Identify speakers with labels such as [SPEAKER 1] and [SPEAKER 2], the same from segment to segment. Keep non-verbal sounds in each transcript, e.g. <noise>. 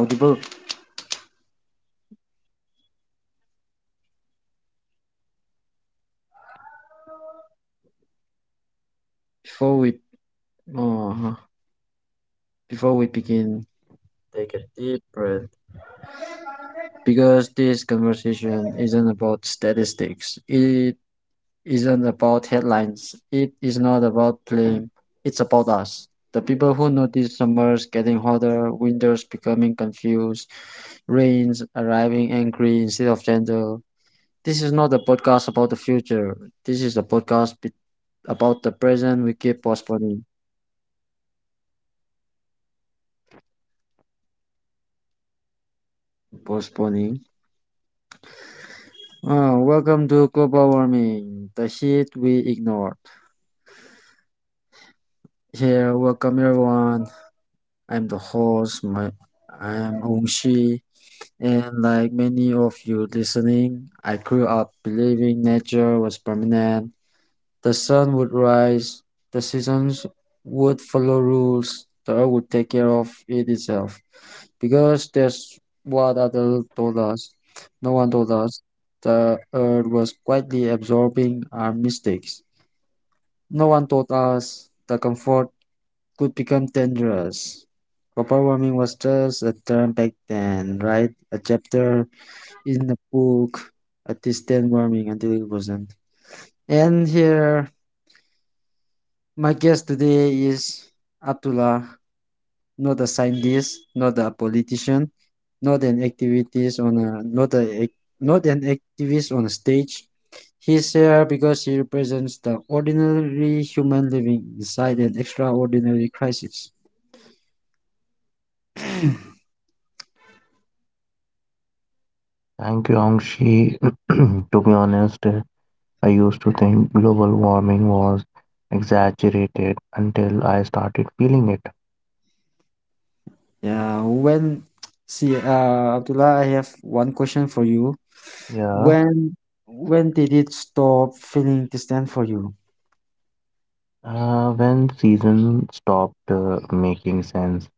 [SPEAKER 1] audible. Before we uh, before we begin, take a deep breath because this conversation isn't about statistics. It isn't about headlines. It is not about blame. It's about us, the people who notice summers getting hotter, winters becoming confused, rains arriving angry instead of gentle. This is not a podcast about the future. This is a about the present we keep postponing, postponing. Oh, welcome to Global Warming, the heat we ignored. Here, welcome everyone. I'm the host. I'm Ongshi, and like many of you listening, I grew up believing nature was permanent. The sun would rise, the seasons would follow rules, the earth would take care of it itself, because that's what adults told us. No one told us the earth was quietly absorbing our mistakes. No one taught us the comfort could become dangerous. Overwhelming was just a term back then, right? A chapter in a book, a distant warming until it wasn't. And here, my guest today is Abdullah. Not a scientist, not a politician, not an activist on a not a ac- not an activist on a stage. He's here because he represents the ordinary human living inside an extraordinary crisis.
[SPEAKER 2] Thank you, Angshi. <clears throat> To be honest, I used to think global warming was exaggerated until I started feeling it.
[SPEAKER 1] Yeah, when see, Abdullah, I have one question for you.
[SPEAKER 2] Yeah,
[SPEAKER 1] When when did it stop feeling distant for you?
[SPEAKER 2] when season stopped making sense.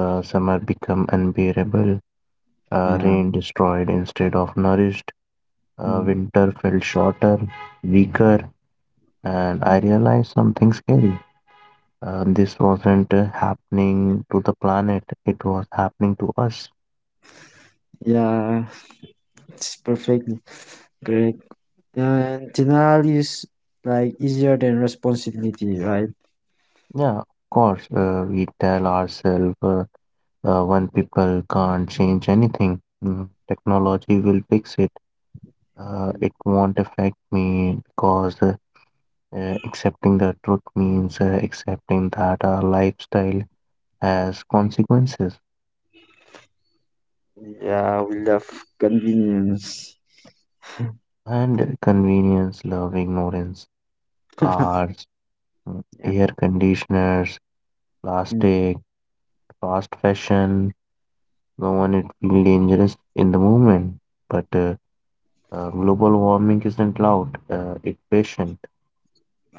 [SPEAKER 2] Summer became unbearable.
[SPEAKER 1] Yeah.
[SPEAKER 2] Rain destroyed instead of nourished.
[SPEAKER 1] Mm.
[SPEAKER 2] Winter felt shorter, weaker, and
[SPEAKER 1] Mm.
[SPEAKER 2] I realized something scary. This wasn't happening to the planet, it was happening to us.
[SPEAKER 1] Yeah, <laughs> it's perfectly great. And denial is like easier than responsibility, right?
[SPEAKER 2] Yeah, of course. We tell ourselves when people can't change anything, technology will fix it. It won't affect me because accepting the truth means accepting that our lifestyle has consequences
[SPEAKER 1] Yeah, we love convenience.
[SPEAKER 2] and convenience, love, ignorance, cars,
[SPEAKER 1] Yeah.
[SPEAKER 2] air conditioners,
[SPEAKER 1] Mm.
[SPEAKER 2] plastic, fast fashion. No one it feel dangerous in the moment, but global warming isn't loud, it's patient.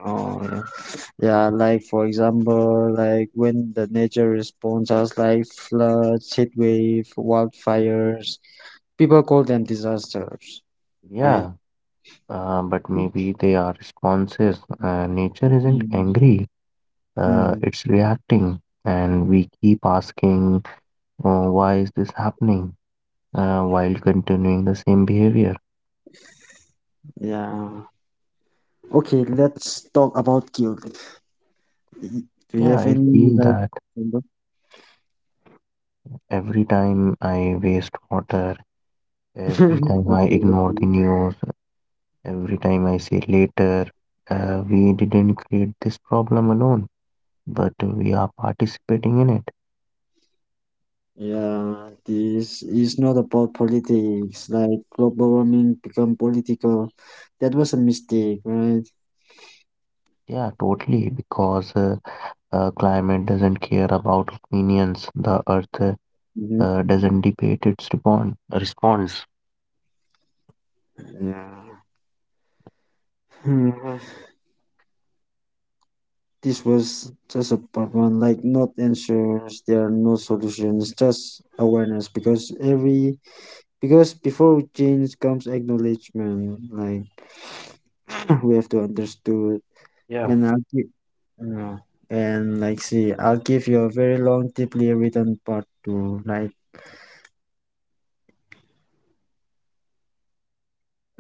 [SPEAKER 1] Oh, yeah. Yeah, like for example, like when the nature responds us like floods, heat wave, wildfires, people call them disasters, right?
[SPEAKER 2] Yeah, but maybe they are responses. Nature isn't
[SPEAKER 1] Mm.
[SPEAKER 2] angry,
[SPEAKER 1] Mm.
[SPEAKER 2] it's reacting. And we keep asking, why is this happening? While continuing the same behavior.
[SPEAKER 1] Yeah. Okay, let's talk about guilt. Y- do you
[SPEAKER 2] Yeah,
[SPEAKER 1] have
[SPEAKER 2] I
[SPEAKER 1] any
[SPEAKER 2] feel
[SPEAKER 1] like
[SPEAKER 2] that
[SPEAKER 1] example?
[SPEAKER 2] every time I waste water, every
[SPEAKER 1] <laughs>
[SPEAKER 2] time I
[SPEAKER 1] Okay,
[SPEAKER 2] ignore
[SPEAKER 1] okay.
[SPEAKER 2] the news, every time I say later, we didn't create this problem alone, but we are participating in it.
[SPEAKER 1] Yeah, this is not about politics. Like global warming become political. That was a mistake, right?
[SPEAKER 2] Yeah, totally, because climate doesn't care about opinions. The earth
[SPEAKER 1] Hmm.
[SPEAKER 2] doesn't debate its respond response.
[SPEAKER 1] Yeah. <laughs> Hmm, this was just a part one, like not answers. There are no solutions, just awareness. Because every because before change comes acknowledgement. Like <laughs> <clears throat> we have to understood.
[SPEAKER 2] Yeah,
[SPEAKER 1] And I'll give, yeah, and like see, I'll give you a very long, deeply written part two. Like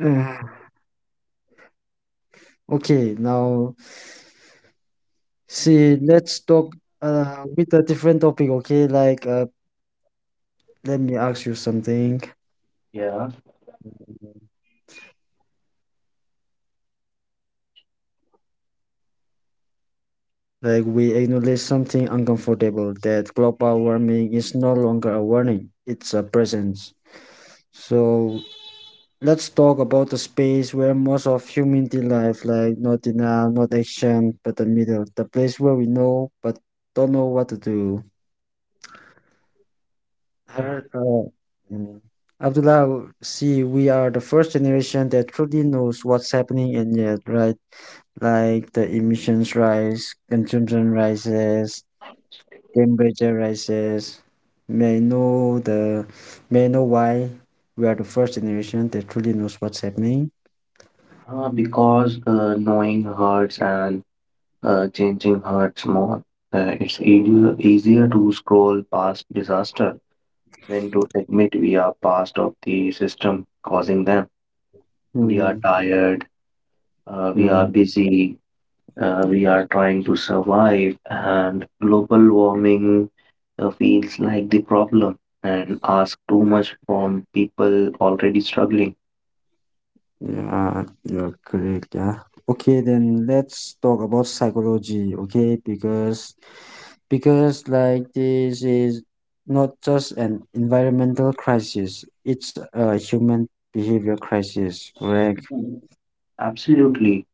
[SPEAKER 1] <sighs> okay, now see, let's talk with a different topic, okay? Let me ask you something.
[SPEAKER 2] yeah,
[SPEAKER 1] Like, we acknowledge something uncomfortable that global warming is no longer a warning, it's a presence. So, let's talk about the space where most of humanity life, like not denial, not action, but the middle, the place where we know but don't know what to do.
[SPEAKER 2] yeah.
[SPEAKER 1] Har- uh, mm, Abdullah, see, we are the first generation that truly knows what's happening and yet, right? Like the emissions rise, consumption rises, temperature rises. May know the, may know why we are the first generation that truly knows what's happening.
[SPEAKER 2] Because knowing hurts and changing hurts more. It's easier, easier to scroll past disaster than to admit we are part of the system causing them. We are
[SPEAKER 1] Hmm.
[SPEAKER 2] tired, we are busy, we are trying to survive, and global warming feels like the problem and ask too much from people already struggling.
[SPEAKER 1] Yeah, you're correct. Yeah. Okay, then let's talk about psychology. Okay, because like this is not just an environmental crisis; it's a human behavior crisis. Correct.
[SPEAKER 2] Absolutely.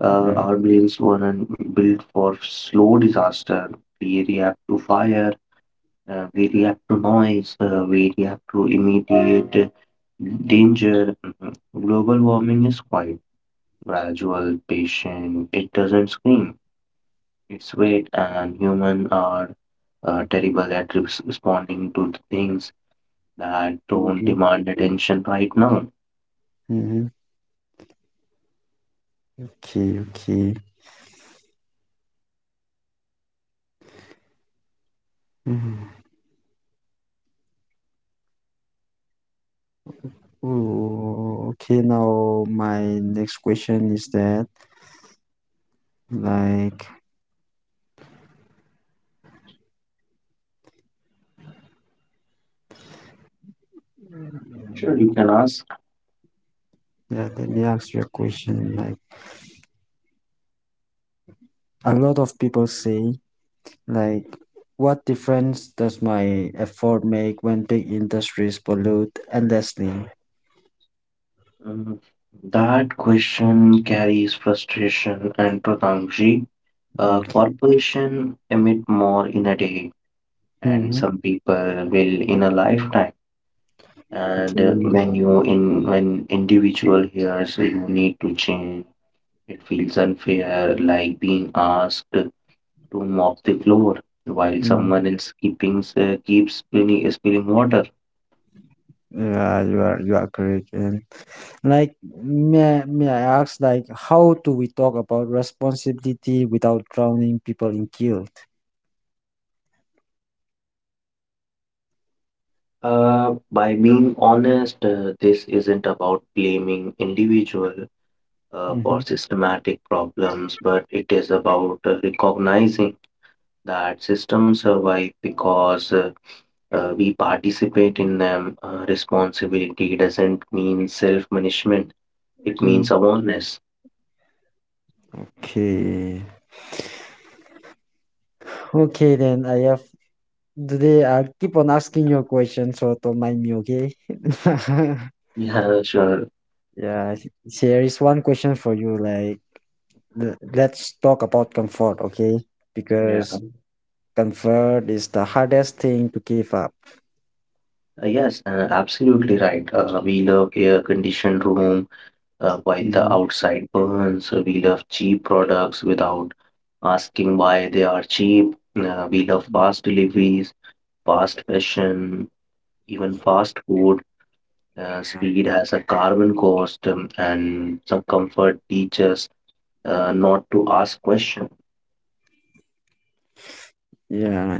[SPEAKER 1] Yeah.
[SPEAKER 2] Our brains weren't built for slow disaster. We react to fire, we react to noise, we react to immediate danger. Mhm. Global warming is quite gradual, patient. It doesn't scream. It's wait, and human are terrible at responding to the things that don't
[SPEAKER 1] Mm-hmm.
[SPEAKER 2] demand attention right now.
[SPEAKER 1] Mm-hmm. Okay. Okay. Mm-hmm. Ooh, okay. Now my next question is that like
[SPEAKER 2] Sure, you can ask.
[SPEAKER 1] yeah. Let me ask you a question. Like a lot of people say, like, what difference does my effort make when big industries pollute endlessly?
[SPEAKER 2] Mm, that question carries frustration and protangji. A
[SPEAKER 1] Okay.
[SPEAKER 2] corporation emit more in a day, and
[SPEAKER 1] Hmm.
[SPEAKER 2] some people will in a lifetime. And
[SPEAKER 1] Okay.
[SPEAKER 2] when you in when individual hears you need to change, it feels unfair, like being asked to mop the floor while
[SPEAKER 1] Mm.
[SPEAKER 2] someone else keeping keeps spilling, water.
[SPEAKER 1] Yeah, you are correct. And like, may I ask, like, how do we talk about responsibility without drowning people in guilt?
[SPEAKER 2] By being honest, this isn't about blaming individual for
[SPEAKER 1] Mm-hmm.
[SPEAKER 2] systematic problems, but it is about recognizing that systems survive because we participate in them. Responsibility doesn't mean self-punishment; it
[SPEAKER 1] Mm-hmm.
[SPEAKER 2] means awareness.
[SPEAKER 1] Okay. Okay, then I have today I'll keep on asking you a question, so don't mind me, okay? <laughs>
[SPEAKER 2] Yeah, sure.
[SPEAKER 1] Yeah, there is one question for you. Like, let's talk about comfort, okay?
[SPEAKER 2] Yeah.
[SPEAKER 1] Because comfort is the hardest thing to give up.
[SPEAKER 2] Uh, yes, absolutely right. We love air-conditioned room while the
[SPEAKER 1] Mhm.
[SPEAKER 2] outside burns. So we love cheap products without asking why they are cheap. We love fast deliveries, fast fashion, even fast food. Speed has a carbon cost, and some comfort teaches not to ask questions.
[SPEAKER 1] Yeah,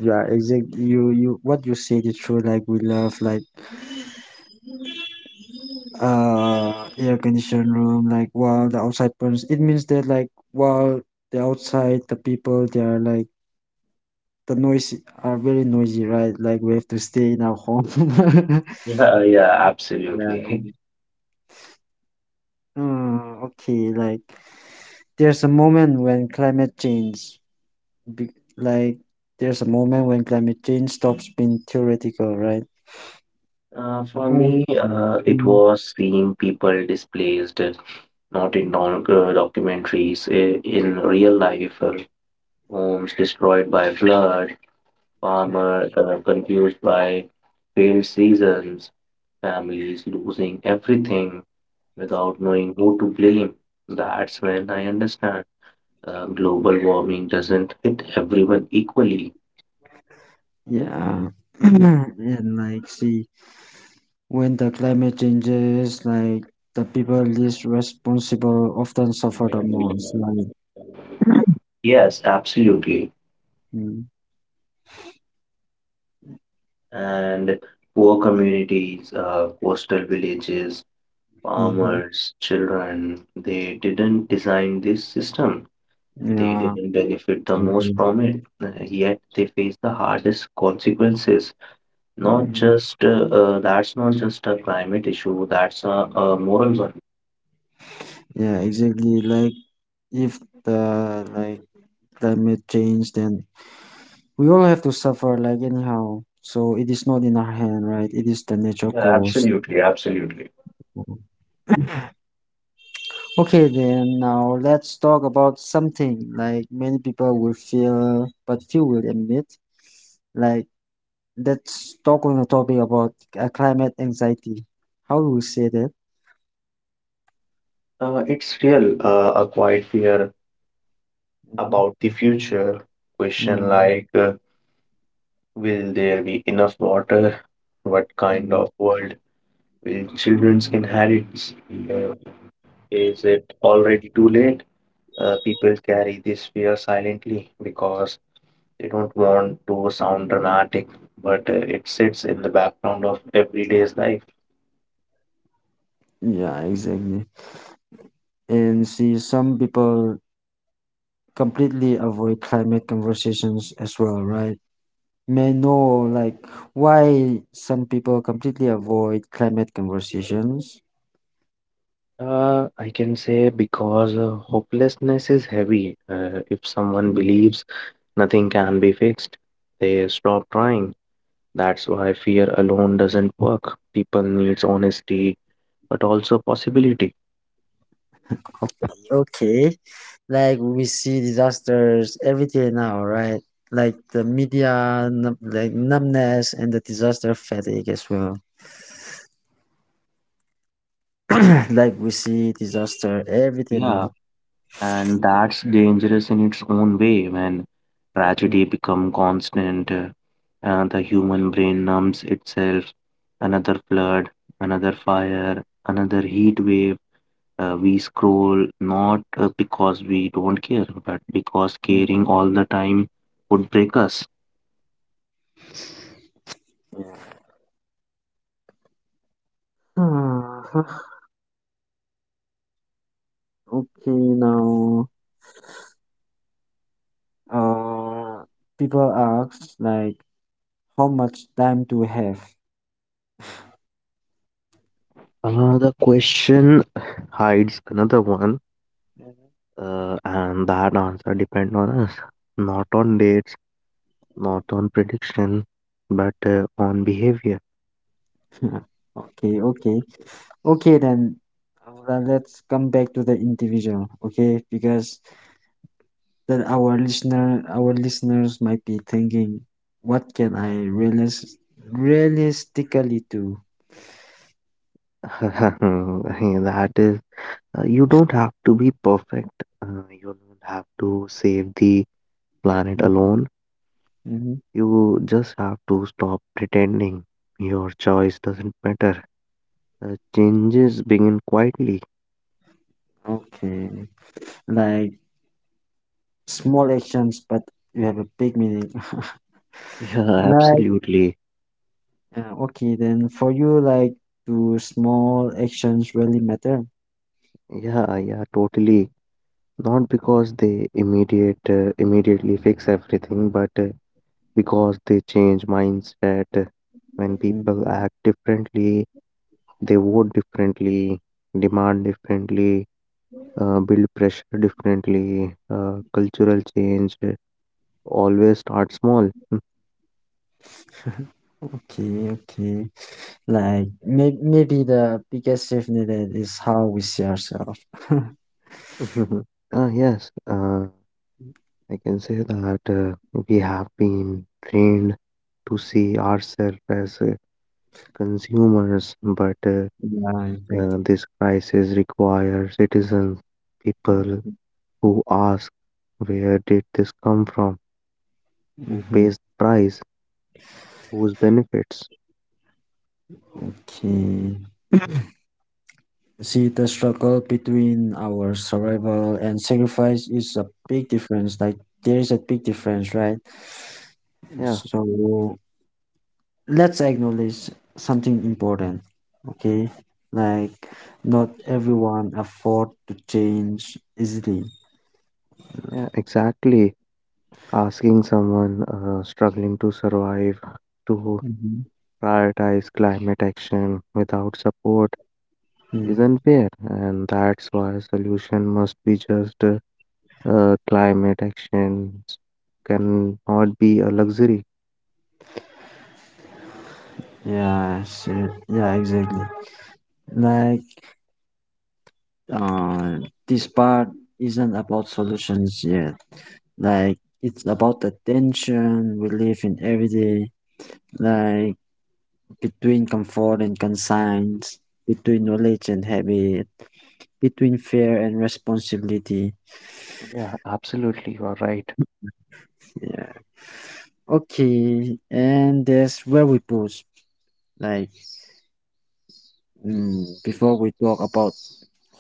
[SPEAKER 1] yeah. Exactly. You, you. What you said is true. Like we love, like uh, air conditioned room like while the outside person it means that like while the outside the people they are like the noise are very noisy right like we have to stay in our home. <laughs>
[SPEAKER 2] Yeah, yeah,
[SPEAKER 1] Yeah.
[SPEAKER 2] absolutely. <laughs>
[SPEAKER 1] Okay, like there's a moment when climate change be, like there's a moment when climate change stops being theoretical, right?
[SPEAKER 2] For
[SPEAKER 1] Oh,
[SPEAKER 2] me, it
[SPEAKER 1] mm.
[SPEAKER 2] was seeing people displaced, not in documentaries, in real life. Homes destroyed by flood,
[SPEAKER 1] Yeah.
[SPEAKER 2] farmers confused by failed seasons, families losing everything without knowing who to blame. That's when I understand global warming doesn't hit everyone equally.
[SPEAKER 1] Yeah. <clears throat> And like see, when the climate changes, like the people least responsible often suffer the most. Like,
[SPEAKER 2] Yes, absolutely.
[SPEAKER 1] mm,
[SPEAKER 2] And poor communities, coastal villages,
[SPEAKER 1] mhm,
[SPEAKER 2] farmers, children, they didn't design this system. They
[SPEAKER 1] yeah,
[SPEAKER 2] didn't benefit the most
[SPEAKER 1] exactly.
[SPEAKER 2] from it, yet they face the hardest consequences. Not
[SPEAKER 1] Mm,
[SPEAKER 2] just that's not just a climate issue, that's a moral one.
[SPEAKER 1] yeah, exactly. Like if the like climate change, then we all have to suffer. Like anyhow, so it is not in our hand, right? It is the natural
[SPEAKER 2] Yeah,
[SPEAKER 1] cause.
[SPEAKER 2] absolutely, absolutely.
[SPEAKER 1] Mhm. Okay, then now let's talk about something like many people will feel, but few will admit, like, let's talk on the topic about climate anxiety. How do we say that?
[SPEAKER 2] It's real, a quiet fear
[SPEAKER 1] Hmm.
[SPEAKER 2] about the future. Question
[SPEAKER 1] Mm.
[SPEAKER 2] like, uh, will there be enough water? What kind
[SPEAKER 1] Mm.
[SPEAKER 2] of world will children's inherit? Uh, is it already too late? People carry this fear silently because they don't want to sound dramatic, but it sits in the background of everyday's life.
[SPEAKER 1] Yeah, exactly. And see, some people completely avoid climate conversations as well, right? May know like why some people completely avoid climate conversations.
[SPEAKER 2] I can say because hopelessness is heavy. If someone
[SPEAKER 1] Mm.
[SPEAKER 2] believes nothing can be fixed, they stop trying. That's why fear alone doesn't work. People needs honesty, but also possibility.
[SPEAKER 1] Okay, okay. Like we see disasters every day now, right? Like the media, like numbness and the disaster fatigue as well. <clears throat> Like we see disaster, everything
[SPEAKER 2] Yeah,
[SPEAKER 1] now.
[SPEAKER 2] and that's dangerous in its own way when
[SPEAKER 1] Mm.
[SPEAKER 2] tragedy become constant. And the human brain numbs itself. Another flood, another fire, another heat wave. We scroll not because we don't care, but because
[SPEAKER 1] Mm.
[SPEAKER 2] caring all the time would break us.
[SPEAKER 1] Yeah. <sighs> Okay, now uh, people ask like, how much time do we have?
[SPEAKER 2] The question hides another one, and that answer depends on us, not on dates, not on prediction, but on behavior.
[SPEAKER 1] <laughs> Okay, okay, okay. Then let's come back to the individual, okay? Because then our listeners might be thinking, what can I realistically do?
[SPEAKER 2] <laughs> that is, you don't have to be perfect. You don't have to save the planet
[SPEAKER 1] Mm-hmm.
[SPEAKER 2] alone.
[SPEAKER 1] Mm-hmm.
[SPEAKER 2] You just have to stop pretending. Your choice doesn't matter. Changes begin quietly. <laughs>
[SPEAKER 1] Okay, like small actions, but you have a big meaning. <laughs>
[SPEAKER 2] Yeah,
[SPEAKER 1] Like,
[SPEAKER 2] absolutely.
[SPEAKER 1] yeah, okay, then for you, like, do small actions really matter?
[SPEAKER 2] Yeah, yeah, totally. Not because they immediately fix everything, but because they change mindset. When
[SPEAKER 1] Mm.
[SPEAKER 2] people act differently, they vote differently, demand differently, build pressure differently. Cultural change always starts small. <laughs>
[SPEAKER 1] Okay, okay. Like, maybe the biggest shift needed is how we see ourselves. <laughs>
[SPEAKER 2] Yes, I can say that we have been trained to see ourselves as consumers, but
[SPEAKER 1] Yeah, exactly.
[SPEAKER 2] this crisis requires citizens, people who ask where did this come from? Who
[SPEAKER 1] Hmm.
[SPEAKER 2] pays the price? Whose benefits?
[SPEAKER 1] Okay. See, the struggle between our survival and sacrifice is a big difference. Like, there is a big difference, right?
[SPEAKER 2] Yeah,
[SPEAKER 1] So, let's acknowledge something important, okay, like not everyone afford to change easily.
[SPEAKER 2] yeah, exactly. Asking someone struggling to survive to
[SPEAKER 1] Hmm.
[SPEAKER 2] prioritize climate action without support
[SPEAKER 1] Mm.
[SPEAKER 2] isn't fair, and that's why solution must be just climate actions can not be a luxury.
[SPEAKER 1] Yeah, sure. Yeah, exactly. Like uh this part isn't about solutions yet, like it's about the tension we live in every day, like between comfort and conscience, between knowledge and habit, between fear and responsibility.
[SPEAKER 2] Yeah, absolutely. You are right.
[SPEAKER 1] Yeah. Okay, and that's where we pause. Like, mm, before we talk about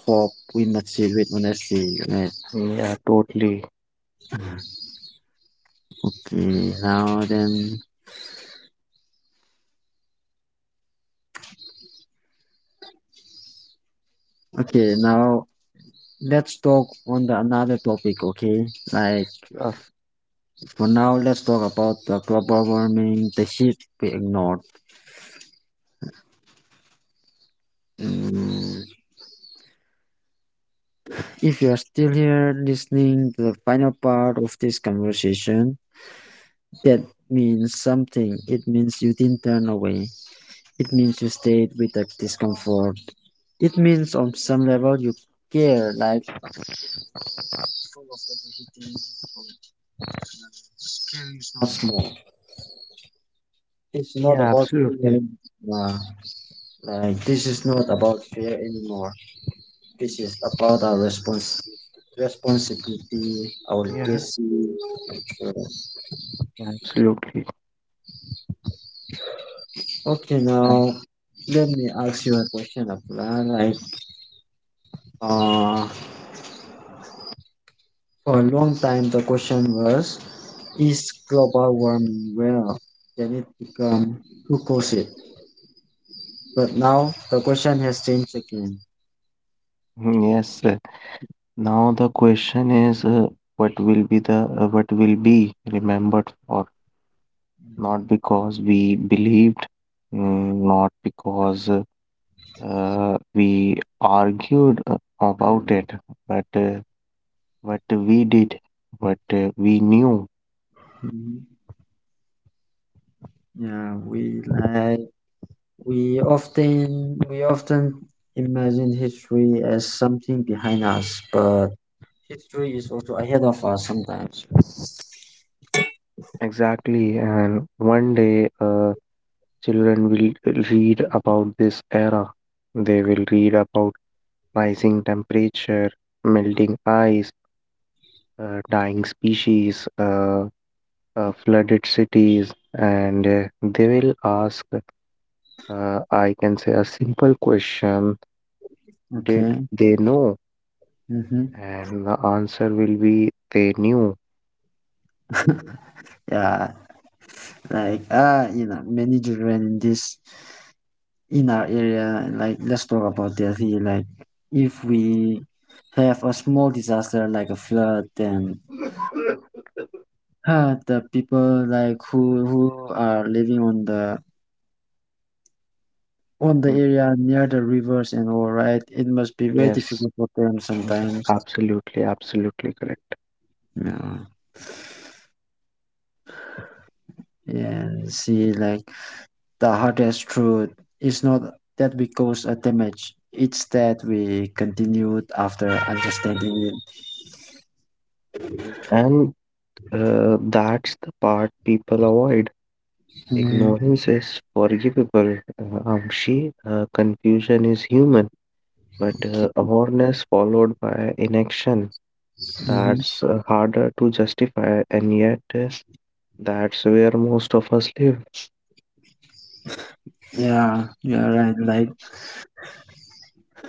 [SPEAKER 1] hope, we must see with honesty, right?
[SPEAKER 2] Yeah, totally.
[SPEAKER 1] Okay, now then. Okay, now let's talk on the another topic. Okay, like
[SPEAKER 2] Sure.
[SPEAKER 1] for now, let's talk about the global warming, the heat we ignored. Mm, if you are still here listening to the final part of this conversation, that means something. It means you didn't turn away. It means you stayed with the discomfort. It means on some level you care, like not small. It's not
[SPEAKER 2] Yeah,
[SPEAKER 1] about fear
[SPEAKER 2] absolutely.
[SPEAKER 1] anymore. Like this is not about fear anymore. This is about our responsibility, our
[SPEAKER 2] Yeah,
[SPEAKER 1] legacy. Uh,
[SPEAKER 2] absolutely.
[SPEAKER 1] Okay, now let me ask you a question, Abdullah. Like, uh, for a long time, the question was, is global warming real? Can it become? Who caused it? But now the question has changed again.
[SPEAKER 2] Mhm, yes. Now the question is, what will be the what will be remembered for? Not because we believed, not because we argued about it, but what we did, what we knew.
[SPEAKER 1] Mhm. Yeah, we like we often imagine history as something behind us, but history is also ahead of us sometimes.
[SPEAKER 2] Exactly. And one day, children will read about this era. They will read about rising temperature, melting ice, dying species, flooded cities, and they will ask, I can say, a simple question. Did
[SPEAKER 1] Okay.
[SPEAKER 2] they know?
[SPEAKER 1] Mm-hmm.
[SPEAKER 2] And the answer will be, they knew.
[SPEAKER 1] Yeah, like you know, many children in this, in our area, like let's talk about that here. Like if we have a small disaster like a flood, then the people like who are living on the
[SPEAKER 2] Mm,
[SPEAKER 1] area near the rivers and all right, it must be very
[SPEAKER 2] Yes,
[SPEAKER 1] difficult for them
[SPEAKER 2] yes,
[SPEAKER 1] sometimes.
[SPEAKER 2] absolutely, absolutely correct.
[SPEAKER 1] Yeah. And see like the hardest truth is not that we cause a damage. It's that we continued after understanding it.
[SPEAKER 2] Mhm. And that's the part people avoid.
[SPEAKER 1] Mhm.
[SPEAKER 2] Ignorance is forgivable, Amshi. Confusion is human. But
[SPEAKER 1] Okay.
[SPEAKER 2] uh, awareness followed by inaction,
[SPEAKER 1] Mhm.
[SPEAKER 2] that's harder to justify, and yet that's where most of us live.
[SPEAKER 1] Yeah, yeah, right. Like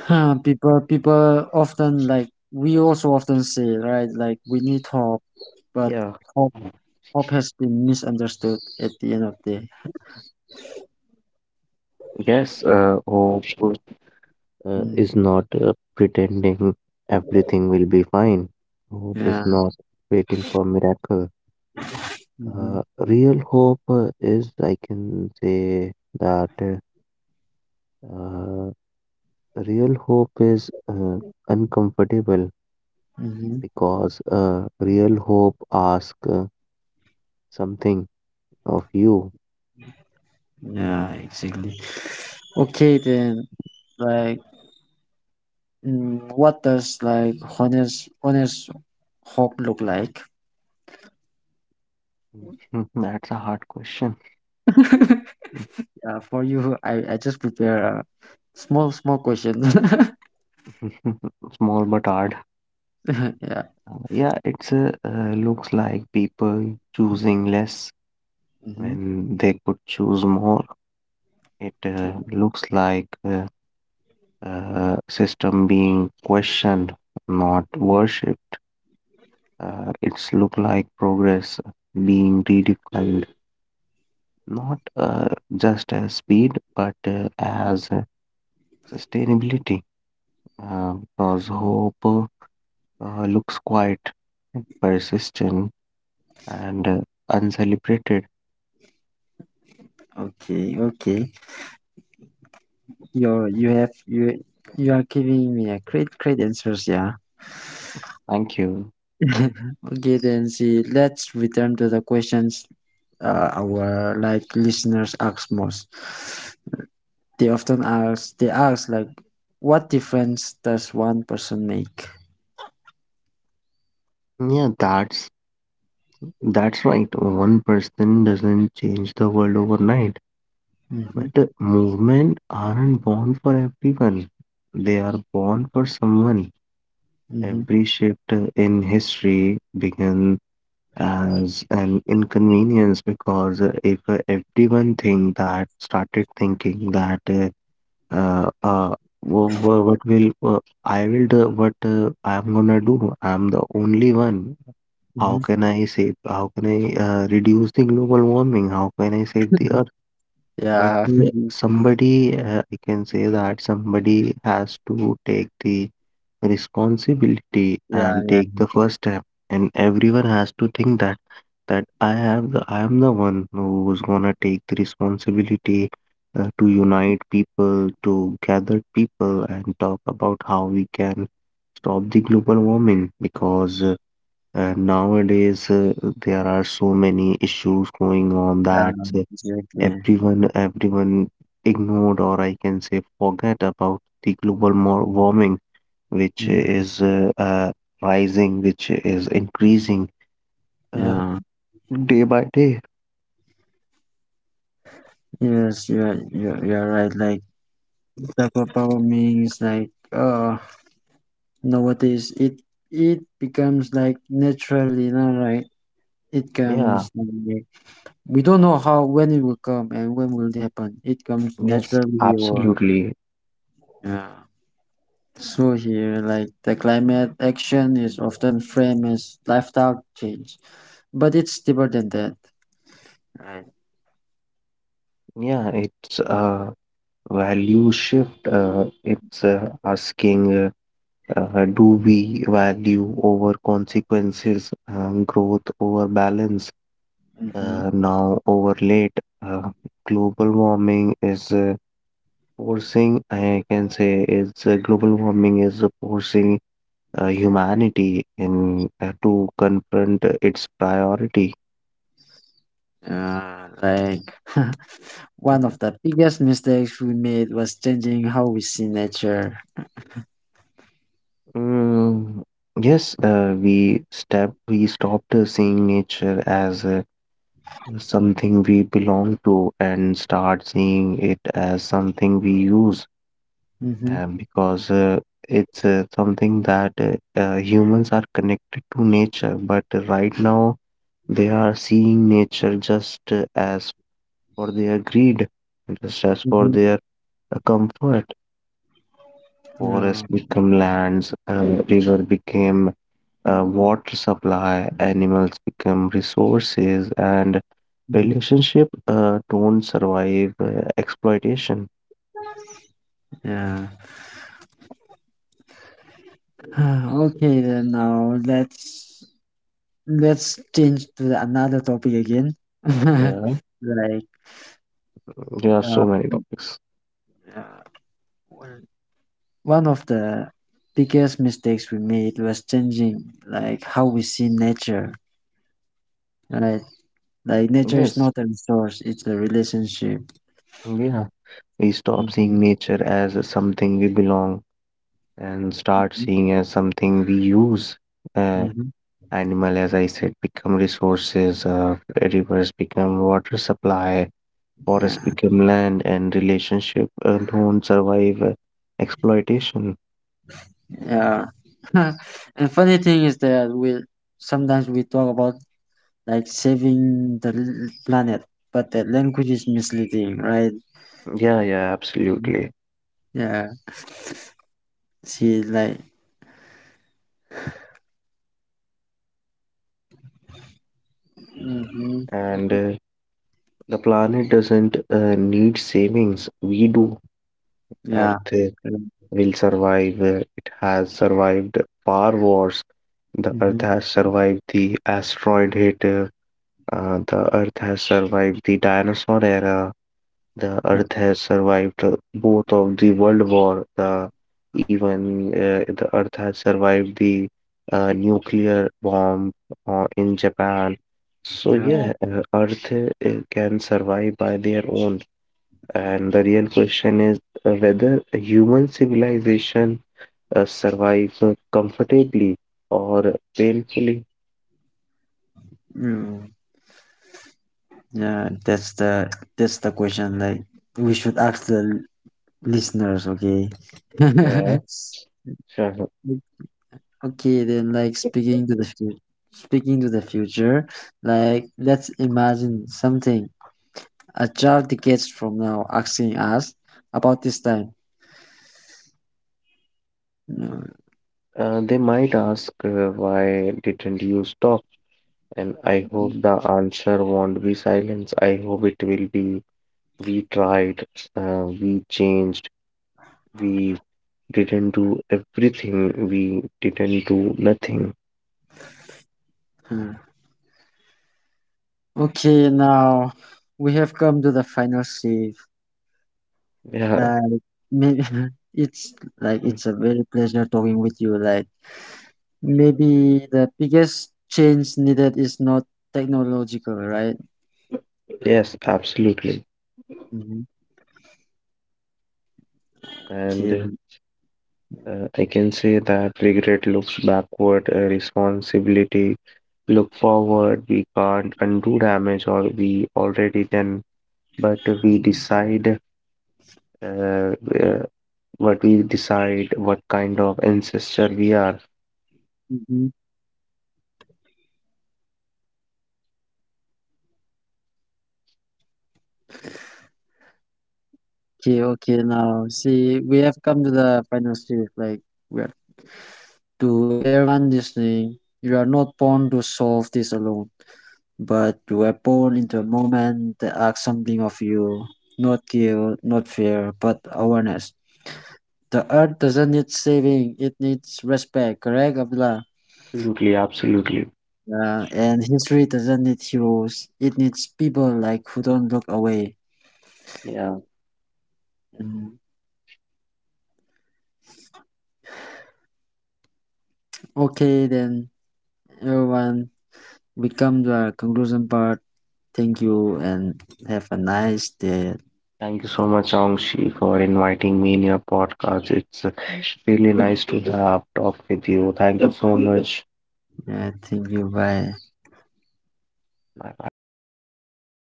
[SPEAKER 1] huh, people often like we also often say right, like we need hope, but
[SPEAKER 2] Yeah.
[SPEAKER 1] hope, hope has been misunderstood at the end of the day.
[SPEAKER 2] Yes, hope
[SPEAKER 1] Mm,
[SPEAKER 2] is not pretending everything will be fine. Hope is
[SPEAKER 1] yeah.
[SPEAKER 2] not waiting for miracle.
[SPEAKER 1] Mm-hmm.
[SPEAKER 2] Real hope is, I can say that uh, real hope is uncomfortable,
[SPEAKER 1] Mm-hmm.
[SPEAKER 2] because real hope asks something of you. <laughs>
[SPEAKER 1] Yeah, exactly. Okay, then, like, mm, what does like honest hope look like?
[SPEAKER 2] That's a hard question.
[SPEAKER 1] Yeah, for you, I just prepare a small question.
[SPEAKER 2] <laughs> Small but hard.
[SPEAKER 1] <laughs> Yeah.
[SPEAKER 2] Yeah, it's a, looks like people choosing less
[SPEAKER 1] Mm-hmm.
[SPEAKER 2] when they could choose more. It
[SPEAKER 1] Okay.
[SPEAKER 2] looks like uh, system being questioned, not worshipped. It's look like progress being redefined, not just as speed, but as sustainability, because hope looks quiet, persistent, and uncelebrated.
[SPEAKER 1] Okay. Okay. You're you have you you are giving me a great answers, yeah.
[SPEAKER 2] Thank you.
[SPEAKER 1] <laughs> Okay, then see let's return to the questions our like listeners ask most. They ask like what difference does one person make?
[SPEAKER 2] Yeah, that's right. One person doesn't change the world overnight,
[SPEAKER 1] Mm-hmm.
[SPEAKER 2] but movement aren't born for everyone. They are born for someone.
[SPEAKER 1] Mm-hmm.
[SPEAKER 2] Every shift in history began as an inconvenience because if everyone think that started thinking that Uh, uh, what will I will do what I'm gonna do? I'm the only one. How
[SPEAKER 1] Mm-hmm.
[SPEAKER 2] can I save? How can I reduce the global warming? How can I save the earth? But
[SPEAKER 1] Yeah.
[SPEAKER 2] uh,
[SPEAKER 1] <laughs>
[SPEAKER 2] somebody, I can say that somebody has to take the responsibility
[SPEAKER 1] Yeah,
[SPEAKER 2] and
[SPEAKER 1] yeah,
[SPEAKER 2] take the first step, and everyone has to think that I have the I am the one who's gonna take the responsibility to unite people, to gather people, and talk about how we can stop the global warming because nowadays there are so many issues going on that
[SPEAKER 1] yeah, exactly.
[SPEAKER 2] everyone ignored or I can say forget about the warming which
[SPEAKER 1] Mm.
[SPEAKER 2] is rising, which is increasing uh,
[SPEAKER 1] Yeah.
[SPEAKER 2] day by day.
[SPEAKER 1] Yes, you're right. Like the power means like uh, nowadays it becomes like naturally you know right it
[SPEAKER 2] Yeah.
[SPEAKER 1] comes like, we don't know how when it will come and when will it happen it comes
[SPEAKER 2] Yes,
[SPEAKER 1] naturally or
[SPEAKER 2] absolutely.
[SPEAKER 1] yeah, so here like the climate action is often framed as lifestyle change, but it's deeper than that, right?
[SPEAKER 2] Yeah, it's a value shift. It's asking, do we value over consequences, growth over balance,
[SPEAKER 1] Mm-hmm.
[SPEAKER 2] now over late? Global warming is forcing, I can say, it's global warming is forcing humanity in to confront its priority.
[SPEAKER 1] Yeah, like <laughs> one of the biggest mistakes we made was changing how we see nature.
[SPEAKER 2] Mm, yes, we stopped seeing nature as something we belong to and start seeing it as something we use,
[SPEAKER 1] Mm-hmm.
[SPEAKER 2] because it's something that humans are connected to nature, but right now they are seeing nature just as for their greed, just as for
[SPEAKER 1] Mm-hmm.
[SPEAKER 2] their comfort.
[SPEAKER 1] Yeah.
[SPEAKER 2] Forest become lands, river became water supply, animals become resources, and
[SPEAKER 1] Mm-hmm.
[SPEAKER 2] relationship don't survive exploitation.
[SPEAKER 1] Yeah. <sighs> Okay then now let's change to the- another topic again. <laughs>
[SPEAKER 2] Yeah,
[SPEAKER 1] Like
[SPEAKER 2] there are so
[SPEAKER 1] uh,
[SPEAKER 2] many topics.
[SPEAKER 1] uh, one one of the biggest mistakes we made was changing like how we see nature, right? Like nature is
[SPEAKER 2] Yes,
[SPEAKER 1] not a resource, it's a relationship.
[SPEAKER 2] yeah. We stop
[SPEAKER 1] Mm-hmm.
[SPEAKER 2] seeing nature as something we belong and start
[SPEAKER 1] Mm-hmm.
[SPEAKER 2] seeing as something we use. Uh,
[SPEAKER 1] Mm-hmm.
[SPEAKER 2] Animal, as I said, become resources. Rivers become water supply. Forests
[SPEAKER 1] Yeah.
[SPEAKER 2] become land, and relationship don't survive exploitation.
[SPEAKER 1] Yeah. <laughs> And funny thing is that we sometimes we talk about like saving the planet, but the language is misleading, right?
[SPEAKER 2] Yeah, yeah,
[SPEAKER 1] Mhm.
[SPEAKER 2] absolutely.
[SPEAKER 1] Yeah. See, like, hmm,
[SPEAKER 2] And the planet doesn't need savings. We do. Earth
[SPEAKER 1] yeah.
[SPEAKER 2] will survive. It has survived far wars. The
[SPEAKER 1] Mm-hmm.
[SPEAKER 2] Earth has survived the asteroid hit. The Earth has survived the dinosaur era. The
[SPEAKER 1] Yeah.
[SPEAKER 2] Earth has survived both of the world war. The even the Earth has survived the nuclear bomb in Japan. So
[SPEAKER 1] Yeah.
[SPEAKER 2] yeah, Earth can survive by their own. And the real question is whether a human civilization survives comfortably or painfully.
[SPEAKER 1] Mm. Yeah. That's the question. Like, we should ask the listeners. Okay.
[SPEAKER 2] Yeah.
[SPEAKER 1] <laughs>
[SPEAKER 2] Sure.
[SPEAKER 1] <laughs> Okay, then like speaking to the future, like let's imagine something, a child decades from now asking us about this time. No,
[SPEAKER 2] They might ask, why didn't you stop? And I hope the answer won't be silence. I hope it will be we tried, we changed, we didn't do everything, we didn't do nothing.
[SPEAKER 1] hmm. Okay, now we have come to the final stage.
[SPEAKER 2] Yeah,
[SPEAKER 1] Like maybe <laughs> it's like
[SPEAKER 2] mm,
[SPEAKER 1] it's a very pleasure talking with you. Like maybe the biggest change needed is not technological, right?
[SPEAKER 2] yes, absolutely.
[SPEAKER 1] Mm-hmm.
[SPEAKER 2] And
[SPEAKER 1] Okay.
[SPEAKER 2] uh, I can say that regret looks backward, responsibility look forward. We can't undo damage or we already done, but we decide uh, uh, what kind of ancestor we are.
[SPEAKER 1] Mhm. Okay, okay. Now, see, we have come to the final stage. Like, we're to everyone listening, you are not born to solve this alone, but you were born into a moment that asks something of you. Not guilt, not fear, but awareness. The earth doesn't need saving; it needs respect. Correct, Abdullah?
[SPEAKER 2] Absolutely, absolutely.
[SPEAKER 1] Yeah. And history doesn't need heroes; it needs people like who don't look away.
[SPEAKER 2] Yeah.
[SPEAKER 1] Mm. Okay, then everyone, we come to our conclusion part. Thank you and have a nice day.
[SPEAKER 2] Thank you so much, Angshi, for inviting me in your podcast. It's really nice to have talked with you. Thank you so much.
[SPEAKER 1] Yeah, thank you. Bye.
[SPEAKER 2] Bye bye.